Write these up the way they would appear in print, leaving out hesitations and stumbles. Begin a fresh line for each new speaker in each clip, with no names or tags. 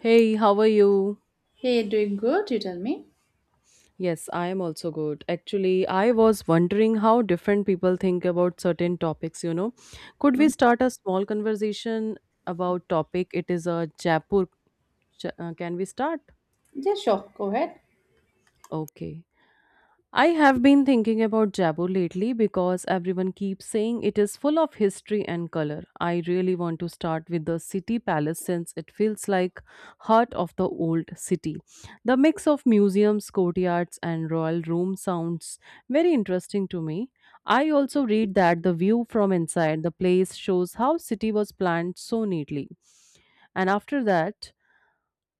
Hey, how are you?
Hey, doing good? You tell me.
Yes, I am also good. Actually, I was wondering how different people think about certain topics, you know. Could we
Mm.
start a small conversation about topic? It is a Jaipur. Can we start?
Yeah, sure. Go ahead.
Okay. I have been thinking about Jaipur lately because everyone keeps saying it is full of history and color. I really want to start with the city palace since it feels like heart of the old city. The mix of museums, courtyards and royal rooms sounds very interesting to me. I also read that the view from inside the place shows how city was planned so neatly. And after that,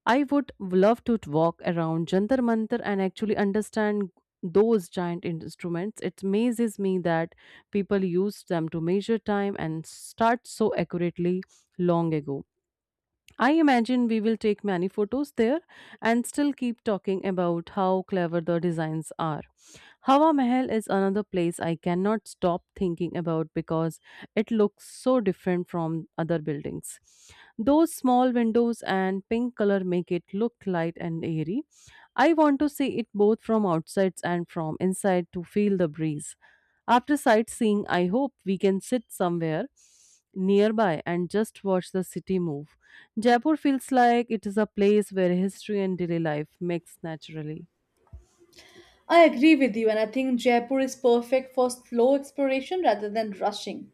I would love to walk around Jantar Mantar and actually understand those giant instruments. It amazes me that people used them to measure time and start so accurately long ago. I imagine we will take many photos there and still keep talking about how clever the designs are. Hawa Mahal is another place I cannot stop thinking about because it looks so different from other buildings. Those small windows and pink color make it look light and airy. I want to see it both from outside and from inside to feel the breeze. After sightseeing, I hope we can sit somewhere nearby and just watch the city move. Jaipur feels like it is a place where history and daily life mix naturally.
I agree with you, and I think Jaipur is perfect for slow exploration rather than rushing.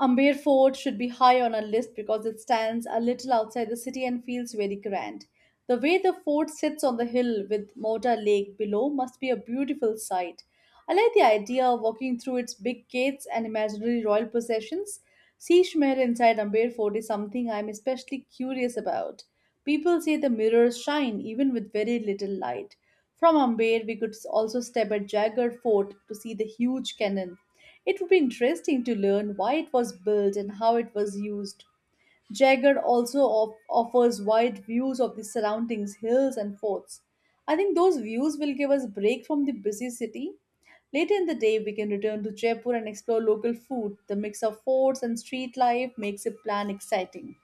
Amber Fort should be high on our list because it stands a little outside the city and feels very grand. The way the fort sits on the hill with Mota Lake below must be a beautiful sight. I like the idea of walking through its big gates and imaginary royal possessions. Sea Shmer inside Amber Fort is something I am especially curious about. People say the mirrors shine even with very little light. From Amber, we could also step at Jagar Fort to see the huge cannon. It would be interesting to learn why it was built and how it was used. Jagger offers wide views of the surroundings, hills, and forts. I think those views will give us a break from the busy city. Later in the day, we can return to Jaipur and explore local food. The mix of forts and street life makes a plan exciting.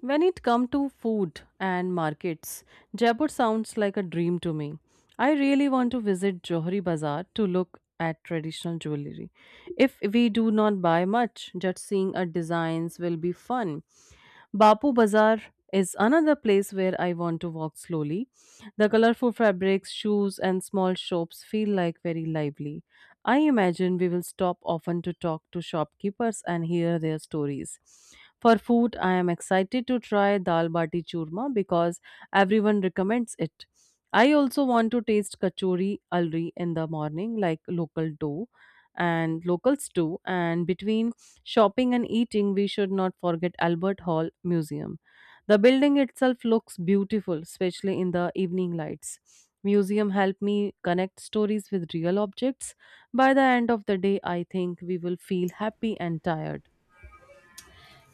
When it comes to food and markets, Jaipur sounds like a dream to me. I really want to visit Johari Bazaar to look at traditional jewelry. If we do not buy much, just seeing our designs will be fun. Bapu Bazaar is another place where I want to walk slowly. The colorful fabrics, shoes, and small shops feel like very lively. I imagine we will stop often to talk to shopkeepers and hear their stories. For food, I am excited to try dal bati churma because everyone recommends it. I also want to taste kachori alri in the morning, like local dough, and locals do, and between shopping and eating, we should not forget Albert Hall Museum. The building itself looks beautiful, especially in the evening lights. Museum help me connect stories with real objects. By the end of the day, I think we will feel happy and tired.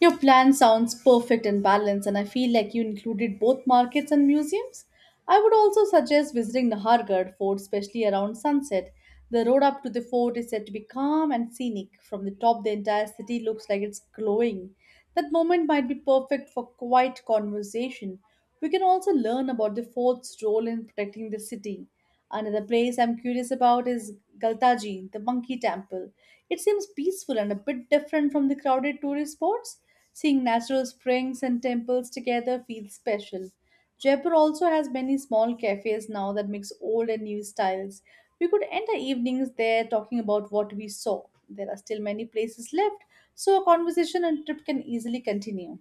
Your plan sounds perfect and balanced, and I feel like you included both markets and museums. I would also suggest visiting Nahargarh Fort, especially around sunset. The road up to the fort is said to be calm and scenic. From the top, the entire city looks like it's glowing. That moment might be perfect for quiet conversation. We can also learn about the fort's role in protecting the city. Another place I'm curious about is Galtaji, the monkey temple. It seems peaceful and a bit different from the crowded tourist spots. Seeing natural springs and temples together feels special. Jaipur also has many small cafes now that mix old and new styles. We could end our evenings there talking about what we saw. There are still many places left, so a conversation and trip can easily continue.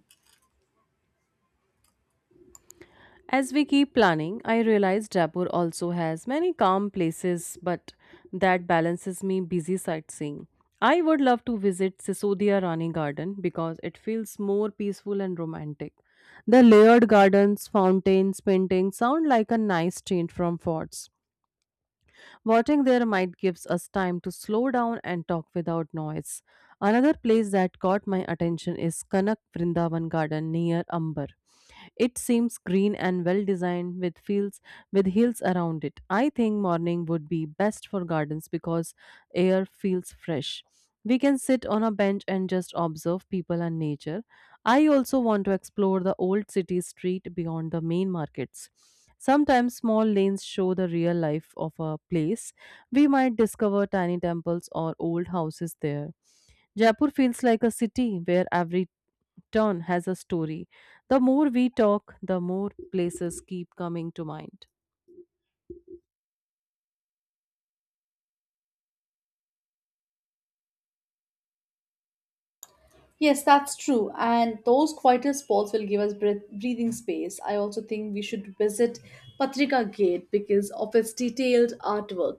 As we keep planning, I realize Jaipur also has many calm places, but that balances me busy sightseeing. I would love to visit Sisodia Rani Garden because it feels more peaceful and romantic. The layered gardens, fountains, paintings sound like a nice change from forts. Watching their might gives us time to slow down and talk without noise. Another place that caught my attention is Kanak Vrindavan Garden near Amber. It seems green and well designed with fields with hills around it. I think morning would be best for gardens because air feels fresh. We can sit on a bench and just observe people and nature. I also want to explore the old city street beyond the main markets. Sometimes small lanes show the real life of a place. We might discover tiny temples or old houses there. Jaipur feels like a city where every turn has a story. The more we talk, the more places keep coming to mind.
Yes, that's true. And those quieter spots will give us breathing space. I also think we should visit Patrika Gate because of its detailed artwork.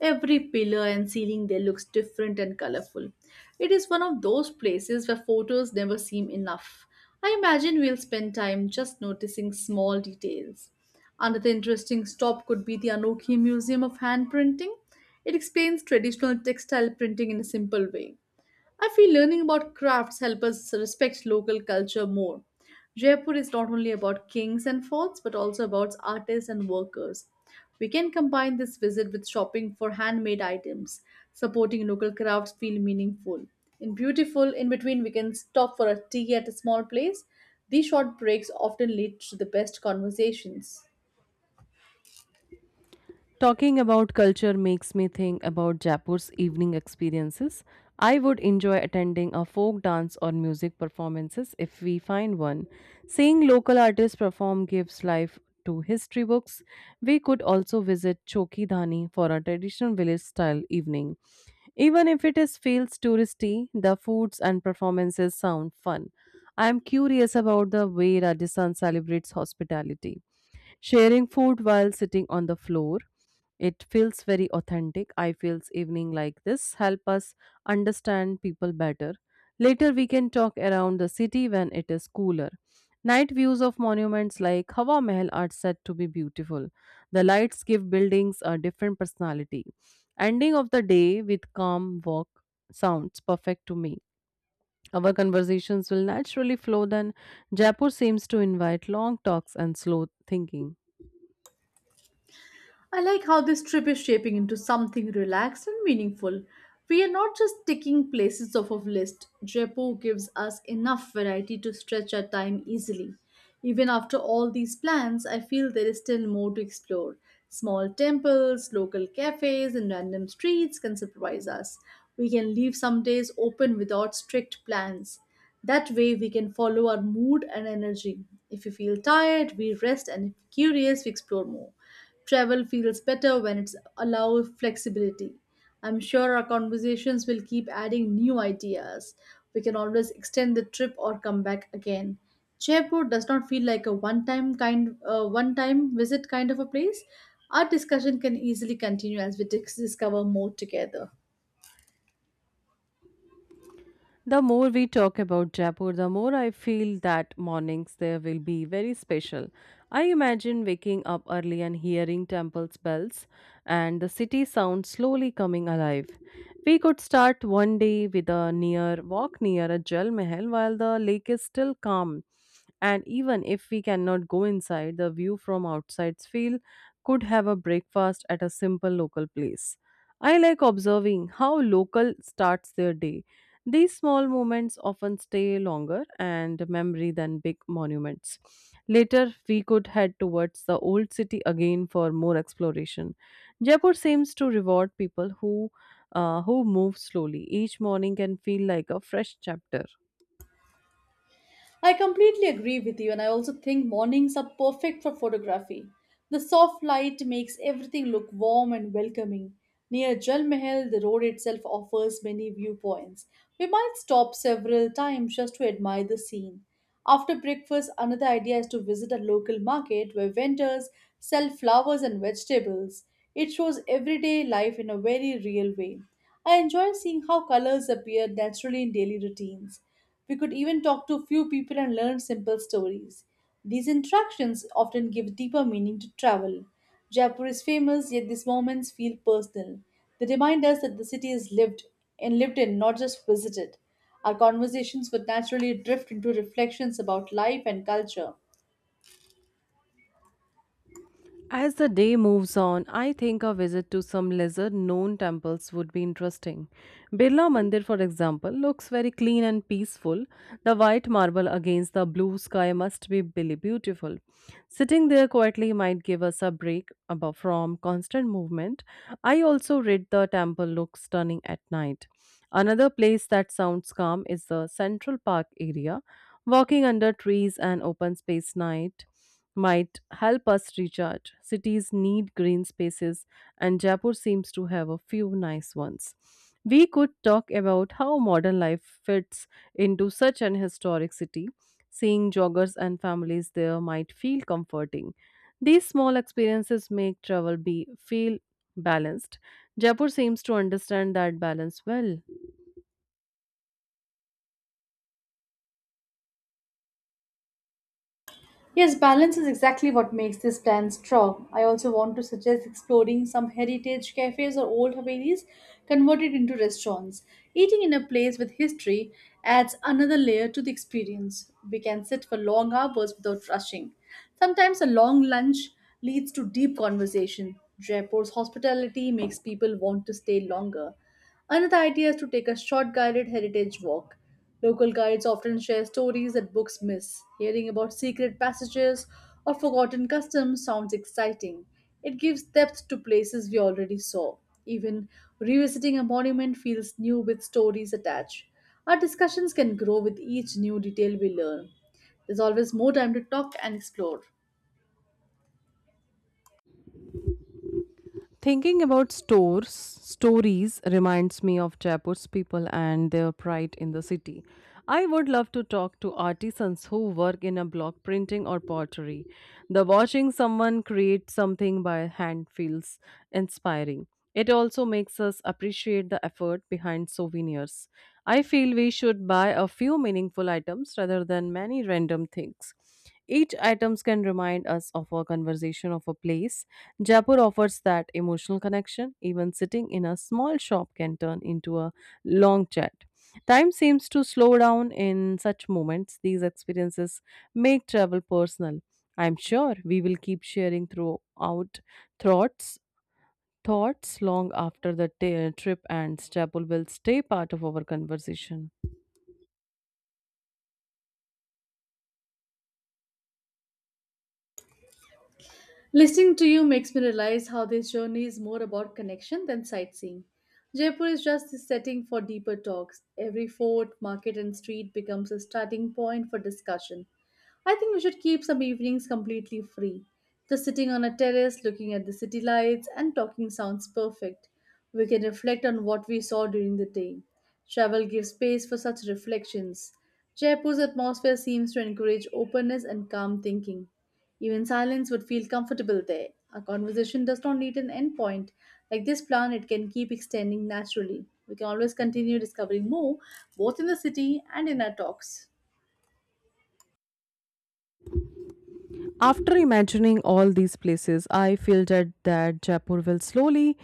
Every pillar and ceiling there looks different and colorful. It is one of those places where photos never seem enough. I imagine we'll spend time just noticing small details. Another interesting stop could be the Anokhi Museum of Hand Printing. It explains traditional textile printing in a simple way. I feel learning about crafts help us respect local culture more. Jaipur is not only about kings and forts but also about artists and workers. We can combine this visit with shopping for handmade items. Supporting local crafts feel meaningful. In beautiful, in between we can stop for a tea at a small place. These short breaks often lead to the best conversations.
Talking about culture makes me think about Jaipur's evening experiences. I would enjoy attending a folk dance or music performances if we find one. Seeing local artists perform gives life to history books. We could also visit Choki Dhani for a traditional village style evening. Even if it is feels touristy, the foods and performances sound fun. I am curious about the way Rajasthan celebrates hospitality. Sharing food while sitting on the floor, it feels very authentic. I feels evening like this help us understand people better. Later we can talk around the city when it is cooler. Night views of monuments like Hawa Mahal are said to be beautiful. The lights give buildings a different personality. Ending of the day with calm walk sounds perfect to me. Our conversations will naturally flow then Jaipur seems to invite long talks and slow thinking.
I like how this trip is shaping into something relaxed and meaningful. We are not just ticking places off of list. Jaipur gives us enough variety to stretch our time easily. Even after all these plans, I feel there is still more to explore. Small temples, local cafes, and random streets can surprise us. We can leave some days open without strict plans. That way, we can follow our mood and energy. If we feel tired, we rest, and if curious, we explore more. Travel feels better when it's allow flexibility. I'm sure our conversations will keep adding new ideas. We can always extend the trip or come back again. Jaipur does not feel like a one-time visit kind of a place. Our discussion can easily continue as we discover more together.
The more we talk about Jaipur, the more I feel that mornings there will be very special. I imagine waking up early and hearing temples' bells and the city sound slowly coming alive. We could start one day with a near walk near a Jal Mahal while the lake is still calm. And even if we cannot go inside, the view from outside's field could have a breakfast at a simple local place. I like observing how local starts their day these small moments often stay longer and memory than big monuments. Later, we could head towards the old city again for more exploration. Jaipur seems to reward people who move slowly. Each morning can feel like a fresh chapter.
I completely agree with you, and I also think mornings are perfect for photography. The soft light makes everything look warm and welcoming. Near Jal Mahal, the road itself offers many viewpoints. We might stop several times just to admire the scene. After breakfast, another idea is to visit a local market where vendors sell flowers and vegetables. It shows everyday life in a very real way. I enjoy seeing how colors appear naturally in daily routines. We could even talk to a few people and learn simple stories. These interactions often give deeper meaning to travel. Jaipur is famous, yet these moments feel personal. They remind us that the city is lived and lived in, not just visited. Our conversations would naturally drift into reflections about life and culture.
As the day moves on, I think a visit to some lesser known temples would be interesting. Birla Mandir, for example, looks very clean and peaceful. The white marble against the blue sky must be really beautiful. Sitting there quietly might give us a break from constant movement. I also read the temple looks stunning at night. Another place that sounds calm is the Central Park area. Walking under trees and open space night might help us recharge. Cities need green spaces, and Jaipur seems to have a few nice ones. We could talk about how modern life fits into such an historic city. Seeing joggers and families there might feel comforting. These small experiences make travel be feel balanced. Jaipur seems to understand that balance well.
Yes, balance is exactly what makes this plan strong. I also want to suggest exploring some heritage cafes or old Havelis converted into restaurants. Eating in a place with history adds another layer to the experience. We can sit for long hours without rushing. Sometimes a long lunch leads to deep conversation. Jaipur's hospitality makes people want to stay longer. Another idea is to take a short guided heritage walk. Local guides often share stories that books miss. Hearing about secret passages or forgotten customs sounds exciting. It gives depth to places we already saw. Even revisiting a monument feels new with stories attached. Our discussions can grow with each new detail we learn. There's always more time to talk and explore.
Thinking about stores, stories reminds me of Jaipur's people and their pride in the city. I would love to talk to artisans who work in a block printing or pottery. The watching someone create something by hand feels inspiring. It also makes us appreciate the effort behind souvenirs. I feel we should buy a few meaningful items rather than many random things. Each items can remind us of a conversation of a place Jaipur offers that emotional connection. Even sitting in a small shop can turn into a long chat. Time seems to slow down in such moments. These experiences make travel personal. I'm sure we will keep sharing throughout thoughts long after the trip ends. Jaipur will stay part of our conversation.
Listening to you makes me realize how this journey is more about connection than sightseeing. Jaipur is just the setting for deeper talks. Every fort, market, and street becomes a starting point for discussion. I think we should keep some evenings completely free. Just sitting on a terrace, looking at the city lights, and talking sounds perfect. We can reflect on what we saw during the day. Travel gives space for such reflections. Jaipur's atmosphere seems to encourage openness and calm thinking. Even silence would feel comfortable there. A conversation does not need an end point. Like this plan, it can keep extending naturally. We can always continue discovering more, both in the city and in our talks.
After imagining all these places, I feel that Jaipur will slowly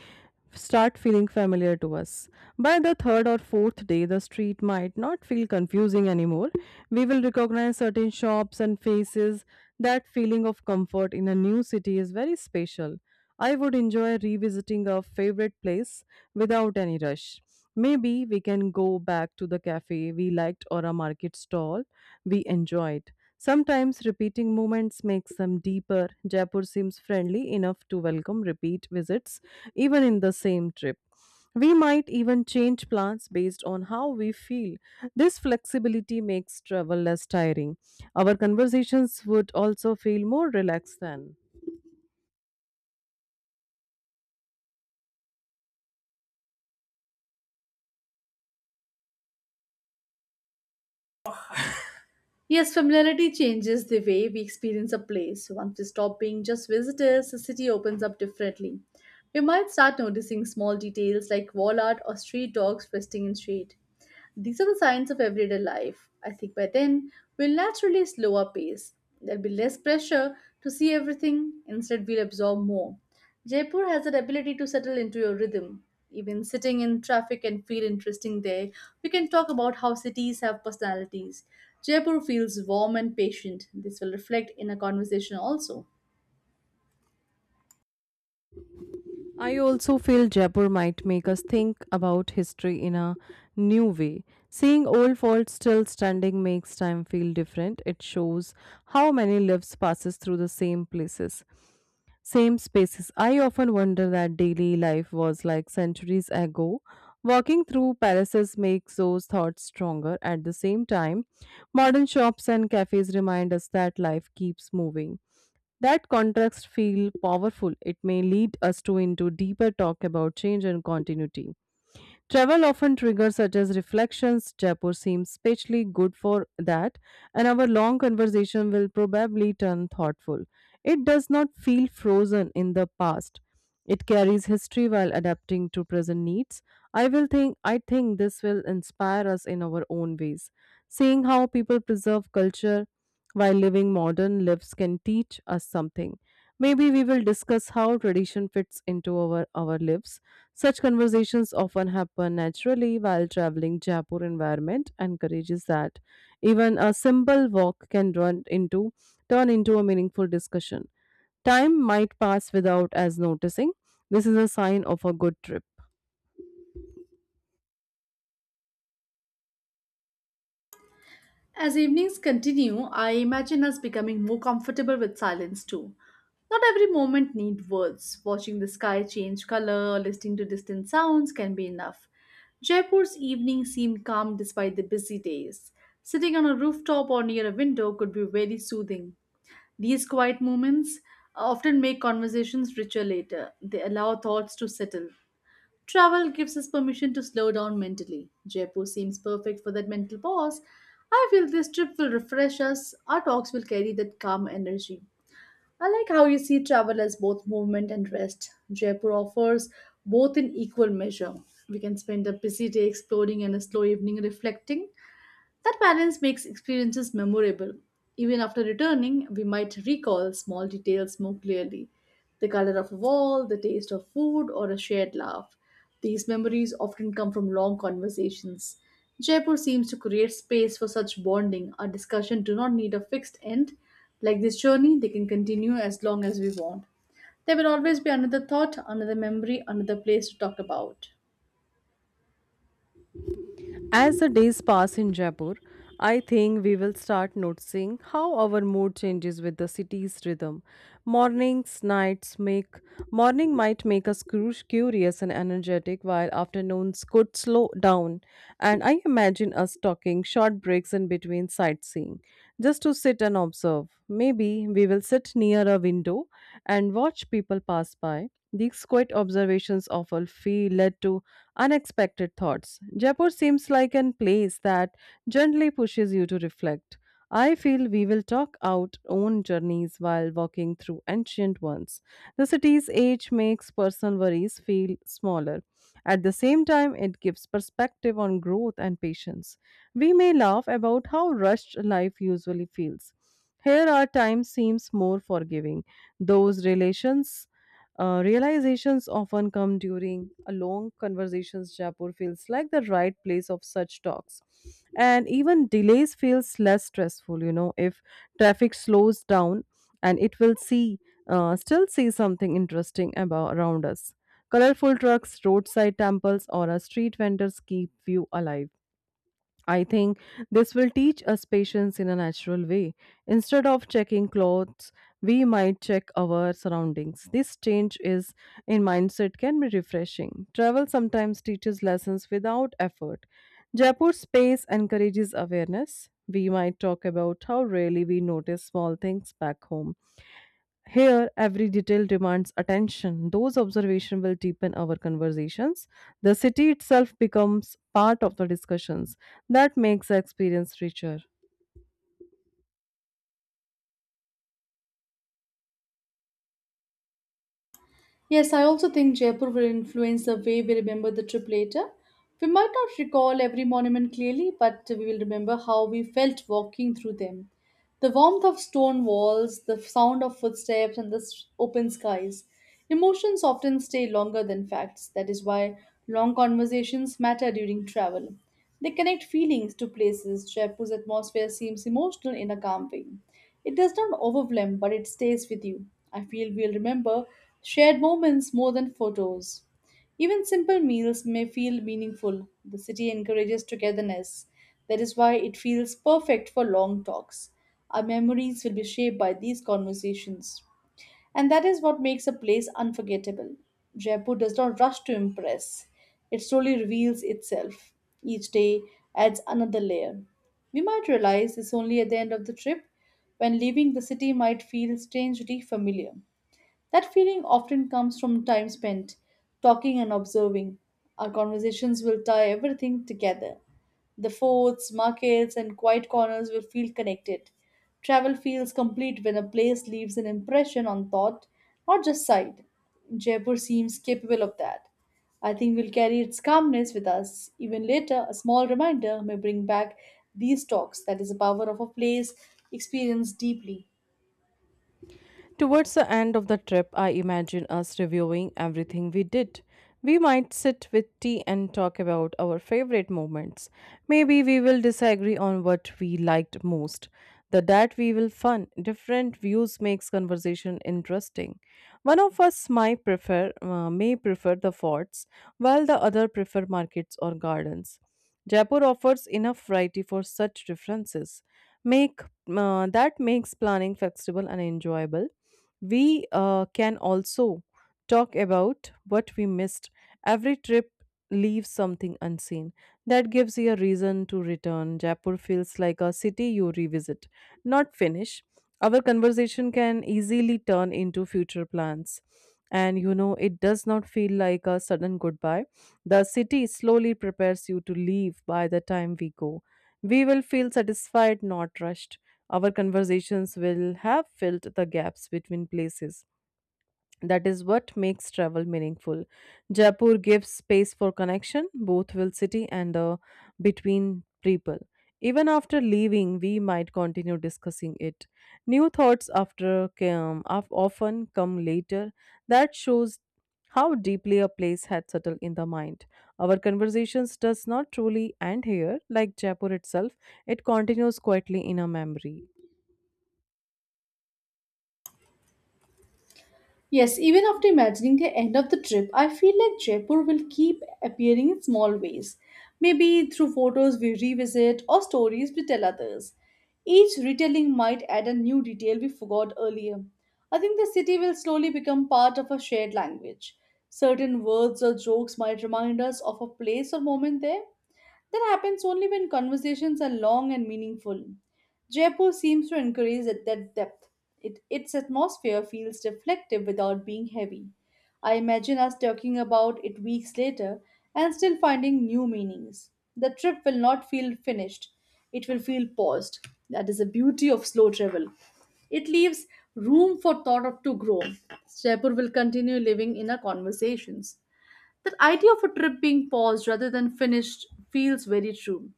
start feeling familiar to us. By the third or fourth day, the street might not feel confusing anymore. We will recognize certain shops and faces. That feeling of comfort in a new city is very special. I would enjoy revisiting a favorite place without any rush. Maybe we can go back to the cafe we liked or a market stall we enjoyed. Sometimes repeating moments makes them deeper. Jaipur seems friendly enough to welcome repeat visits, even in the same trip. We might even change plans based on how we feel. This flexibility makes travel less tiring. Our conversations would also feel more relaxed then.
Yes, familiarity changes the way we experience a place. Once we stop being just visitors, the city opens up differently. We might start noticing small details like wall art or street dogs resting in shade. These are the signs of everyday life. I think by then, we'll naturally slow our pace. There'll be less pressure to see everything, instead, we'll absorb more. Jaipur has that ability to settle into your rhythm. Even sitting in traffic can feel interesting there. We can talk about how cities have personalities. Jaipur feels warm and patient. This will reflect in a conversation also.
I also feel Jaipur might make us think about history in a new way. Seeing old forts still standing makes time feel different. It shows how many lives passes through the same places, same spaces. I often wonder that daily life was like centuries ago. Walking through palaces makes those thoughts stronger. At the same time, modern shops and cafes remind us that life keeps moving. That contrast feel powerful. It may lead us to into deeper talk about change and continuity. Travel often triggers such as reflections. Jaipur seems especially good for that, and our long conversation will probably turn thoughtful. It does not feel frozen in the past. It carries history while adapting to present needs. I think this will inspire us in our own ways. Seeing how people preserve culture while living modern lives can teach us something. Maybe we will discuss how tradition fits into our lives such conversations often happen naturally while traveling. Jaipur environment encourages that. Even a simple walk can run into turn into a meaningful discussion. Time might pass without as noticing. This is a sign of a good trip.
As evenings continue, I imagine us becoming more comfortable with silence too. Not every moment need words. Watching the sky change color or listening to distant sounds can be enough. Jaipur's evenings seemed calm despite the busy days. Sitting on a rooftop or near a window could be very soothing. These quiet moments often make conversations richer later. They allow thoughts to settle. Travel gives us permission to slow down mentally. Jaipur seems perfect for that mental pause. I feel this trip will refresh us. Our talks will carry that calm energy. I like how you see travel as both movement and rest. Jaipur offers both in equal measure. We can spend a busy day exploring and a slow evening reflecting. That balance makes experiences memorable. Even after returning, we might recall small details more clearly the color of a wall, the taste of food, or a shared laugh. These memories often come from long conversations. Jaipur seems to create space for such bonding. Our discussion do not need a fixed end. Like this journey, they can continue as long as we want. There will always be another thought, another memory, another place to talk about.
As the days pass in Jaipur, I think we will start noticing how our mood changes with the city's rhythm. Mornings, nights make Morning might make us curious and energetic, while afternoons could slow down. And I imagine us talking short breaks in between sightseeing, just to sit and observe. Maybe we will sit near a window and watch people pass by. These quiet observations often feel led to unexpected thoughts. Jaipur seems like an place that gently pushes you to reflect. I feel we will talk out own journeys while walking through ancient ones. The city's age makes personal worries feel smaller. At the same time, it gives perspective on growth and patience. We may laugh about how rushed life usually feels. Here, our time seems more forgiving. Those relations realizations often come during a long conversations. Jaipur feels like the right place of such talks, and even delays feels less stressful. You know, if traffic slows down, and it will see still see something interesting about around us. Colorful trucks, roadside temples, or a street vendors keep view alive. I think this will teach us patience in a natural way. Instead of checking clothes, we might check our surroundings. This change is in mindset can be refreshing. Travel sometimes teaches lessons without effort. Jaipur space encourages awareness. We might talk about how rarely we notice small things back home. Here, every detail demands attention. Those observations will deepen our conversations. The city itself becomes part of the discussions. That makes the experience richer.
Yes, I also think Jaipur will influence the way we remember the trip later. We might not recall every monument clearly, but we will remember how we felt walking through them. The warmth of stone walls, the sound of footsteps, and the open skies. Emotions often stay longer than facts. That is why long conversations matter during travel. They connect feelings to places. Jaipur's atmosphere seems emotional in a calm way. It does not overwhelm, but it stays with you. I feel we'll remember shared moments more than photos. Even simple meals may feel meaningful. The city encourages togetherness. That is why it feels perfect for long talks. Our memories will be shaped by these conversations. And that is what makes a place unforgettable. Jaipur does not rush to impress, it slowly reveals itself. Each day adds another layer. We might realize this only at the end of the trip, when leaving the city might feel strangely familiar. That feeling often comes from time spent talking and observing. Our conversations will tie everything together. The forts, markets, and quiet corners will feel connected. Travel feels complete when a place leaves an impression on thought, not just sight. Jaipur seems capable of that. I think we'll carry its calmness with us. Even later, a small reminder may bring back these talks that is, the power of a place experienced deeply.
Towards the end of the trip, I imagine us reviewing everything we did. We might sit with tea and talk about our favorite moments. Maybe we will disagree on what we liked most. The that we will fun. Different views makes conversation interesting. One of us might prefer the forts, while the other prefer markets or gardens. Jaipur offers enough variety for such differences. Make that makes planning flexible and enjoyable we can also talk about what we missed. Every trip leaves something unseen. That gives you a reason to return. Jaipur feels like a city you revisit, not finish. Our conversation can easily turn into future plans. And you know, it does not feel like a sudden goodbye. The city slowly prepares you to leave by the time we go. We will feel satisfied, not rushed. Our conversations will have filled the gaps between places. That is what makes travel meaningful. Jaipur gives space for connection, both with city and the between people. Even after leaving, we might continue discussing it. New thoughts often come later. That shows how deeply a place had settled in the mind. Our conversations does not truly end here, like Jaipur itself. It continues quietly in our memory.
Yes, even after imagining the end of the trip, I feel like Jaipur will keep appearing in small ways. Maybe through photos we revisit or stories we tell others. Each retelling might add a new detail we forgot earlier. I think the city will slowly become part of a shared language. Certain words or jokes might remind us of a place or moment there. That happens only when conversations are long and meaningful. Jaipur seems to encourage that depth. Its atmosphere feels reflective without being heavy. I imagine us talking about it weeks later and still finding new meanings. The trip will not feel finished, it will feel paused. That is the beauty of slow travel. It leaves room for thought to grow. Jaipur will continue living in our conversations. That idea of a trip being paused rather than finished feels very true.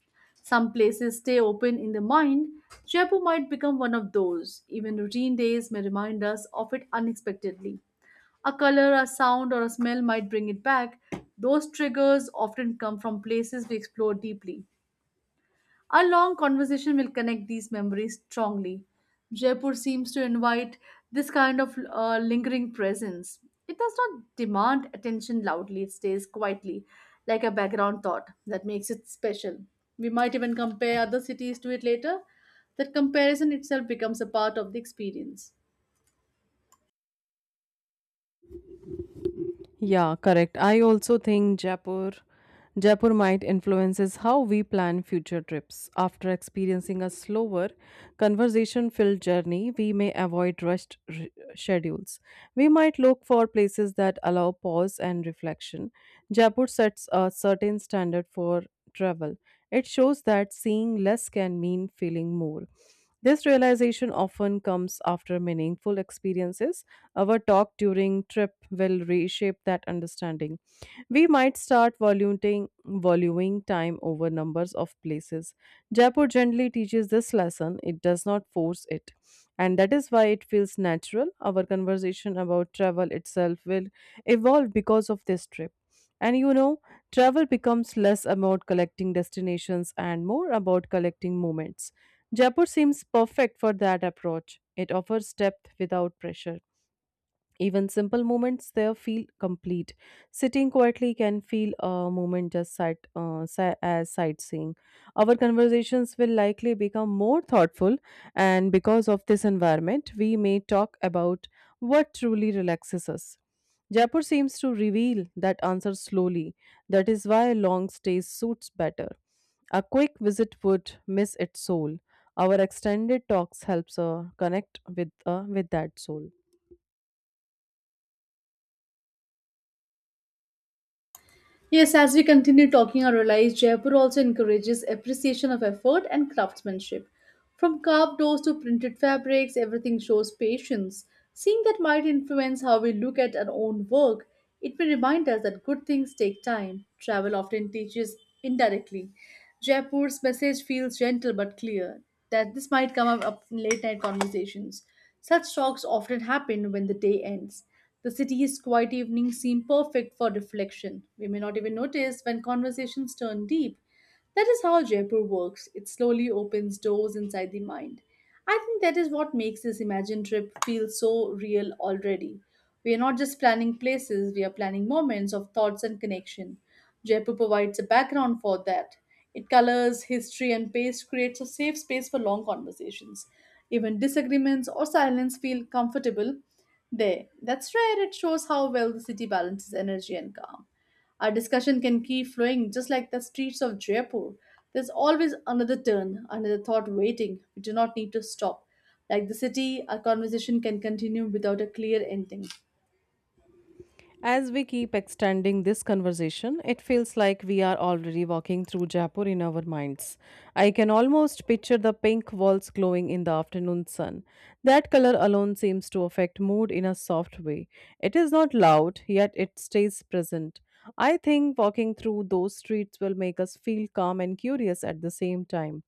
Some places stay open in the mind. Jaipur might become one of those. Even routine days may remind us of it unexpectedly. A color, a sound, or a smell might bring it back. Those triggers often come from places we explore deeply. Our long conversation will connect these memories strongly. Jaipur seems to invite this kind of lingering presence. It does not demand attention loudly, it stays quietly, like a background thought that makes it special. We might even compare other cities to it later. That comparison itself becomes a part of the experience.
Yeah, correct. I also think Jaipur might influences how we plan future trips. After experiencing a slower, conversation-filled journey, we may avoid schedules. We might look for places that allow pause and reflection. Jaipur sets a certain standard for travel. It shows that seeing less can mean feeling more. This realization often comes after meaningful experiences. Our talk during trip will reshape that understanding. We might start valuing time over numbers of places. Jaipur gently teaches this lesson. It does not force it. And that is why it feels natural. Our conversation about travel itself will evolve because of this trip. And you know, travel becomes less about collecting destinations and more about collecting moments. Jaipur seems perfect for that approach. It offers depth without pressure. Even simple moments there feel complete. Sitting quietly can feel a moment just as sightseeing. Our conversations will likely become more thoughtful, and because of this environment, we may talk about what truly relaxes us. Jaipur seems to reveal that answer slowly. That is why long stays suits better. A quick visit would miss its soul. Our extended talks helps connect with that soul.
Yes, as we continue talking, I realize Jaipur also encourages appreciation of effort and craftsmanship. From carved doors to printed fabrics, everything shows patience. Seeing that might influence how we look at our own work, it may remind us that good things take time. Travel often teaches indirectly. Jaipur's message feels gentle but clear. That this might come up in late night conversations. Such talks often happen when the day ends. The city's quiet evenings seem perfect for reflection. We may not even notice when conversations turn deep. That is how Jaipur works. It slowly opens doors inside the mind. I think that is what makes this imagined trip feel so real already. We are not just planning places, we are planning moments of thoughts and connection. Jaipur provides a background for that. It colors, history, and pace creates a safe space for long conversations. Even disagreements or silence feel comfortable there. That's rare. It shows how well the city balances energy and calm. Our discussion can keep flowing just like the streets of Jaipur. There's always another turn, another thought waiting. We do not need to stop. Like the city, our conversation can continue without a clear ending.
As we keep extending this conversation, it feels like we are already walking through Jaipur in our minds. I can almost picture the pink walls glowing in the afternoon sun. That color alone seems to affect mood in a soft way. It is not loud, yet it stays present. I think walking through those streets will make us feel calm and curious at the same time.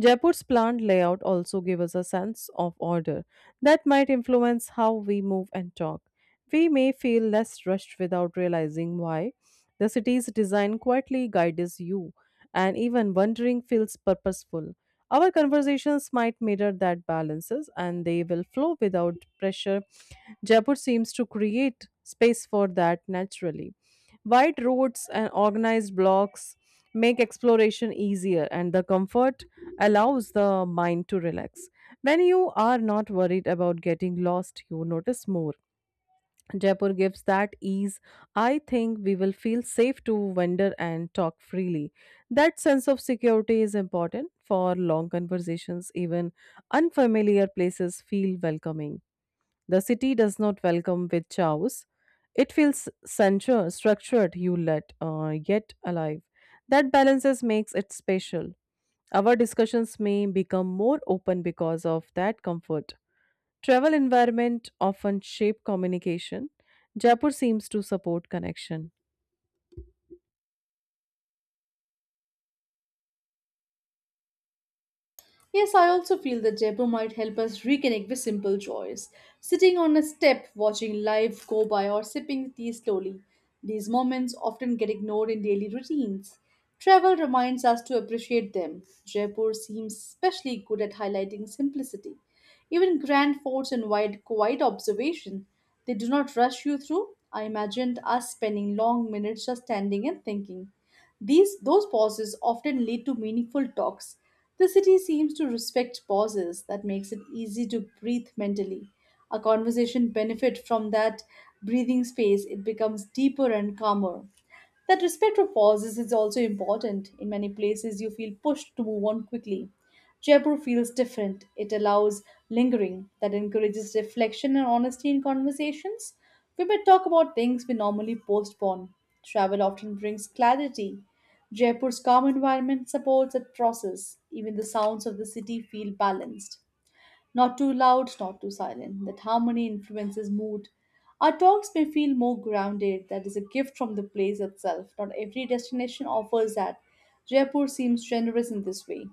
Jaipur's planned layout also gives us a sense of order that might influence how we move and talk. We may feel less rushed without realizing why. The city's design quietly guides you, and even wandering feels purposeful. Our conversations might mirror that balances and they will flow without pressure. Jaipur seems to create space for that naturally. Wide roads and organized blocks make exploration easier, and the comfort allows the mind to relax. When you are not worried about getting lost, you notice more. Jaipur gives that ease. I think we will feel safe to wander and talk freely. That sense of security is important for long conversations. Even unfamiliar places feel welcoming. The city does not welcome with chows. It feels central, structured, yet alive. That balances makes it special. Our discussions may become more open because of that comfort. Travel environment often shape communication. Jaipur seems to support connection.
Yes, I also feel that Jaipur might help us reconnect with simple joys. Sitting on a step, watching life go by, or sipping tea slowly. These moments often get ignored in daily routines. Travel reminds us to appreciate them. Jaipur seems especially good at highlighting simplicity. Even grand forts invite quiet observation. They do not rush you through. I imagined us spending long minutes just standing and thinking. These those pauses often lead to meaningful talks. The city seems to respect pauses that makes it easy to breathe mentally. A conversation benefit from that breathing space. It becomes deeper and calmer. That respect for pauses is also important. In many places, you feel pushed to move on quickly. Jaipur feels different. It allows lingering, that encourages reflection and honesty in conversations. We may talk about things we normally postpone. Travel often brings clarity. Jaipur's calm environment supports that process. Even the sounds of the city feel balanced. Not too loud, not too silent. That harmony influences mood. Our talks may feel more grounded. That is a gift from the place itself. Not every destination offers that. Jaipur seems generous in this way.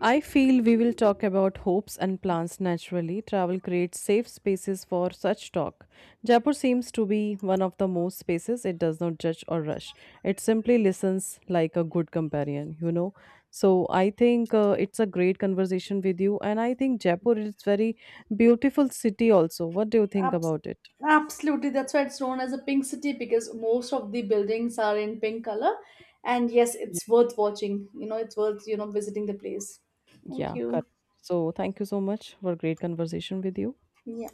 I feel we will talk about hopes and plans naturally. Travel creates safe spaces for such talk. Jaipur seems to be one of the most spaces it does not judge or rush. It simply listens like a good companion, you know. So I think it's a great conversation with you and I think Jaipur is very beautiful city also. What do you think
Abs-
about it?
absolutely, that's why it's known as a pink city because most of the buildings are in pink color. And yes,
Yeah,
it's worth watching. You know, it's worth visiting the place. Thank
yeah,
you.
correct. So thank you so much for great conversation with you.
Yeah.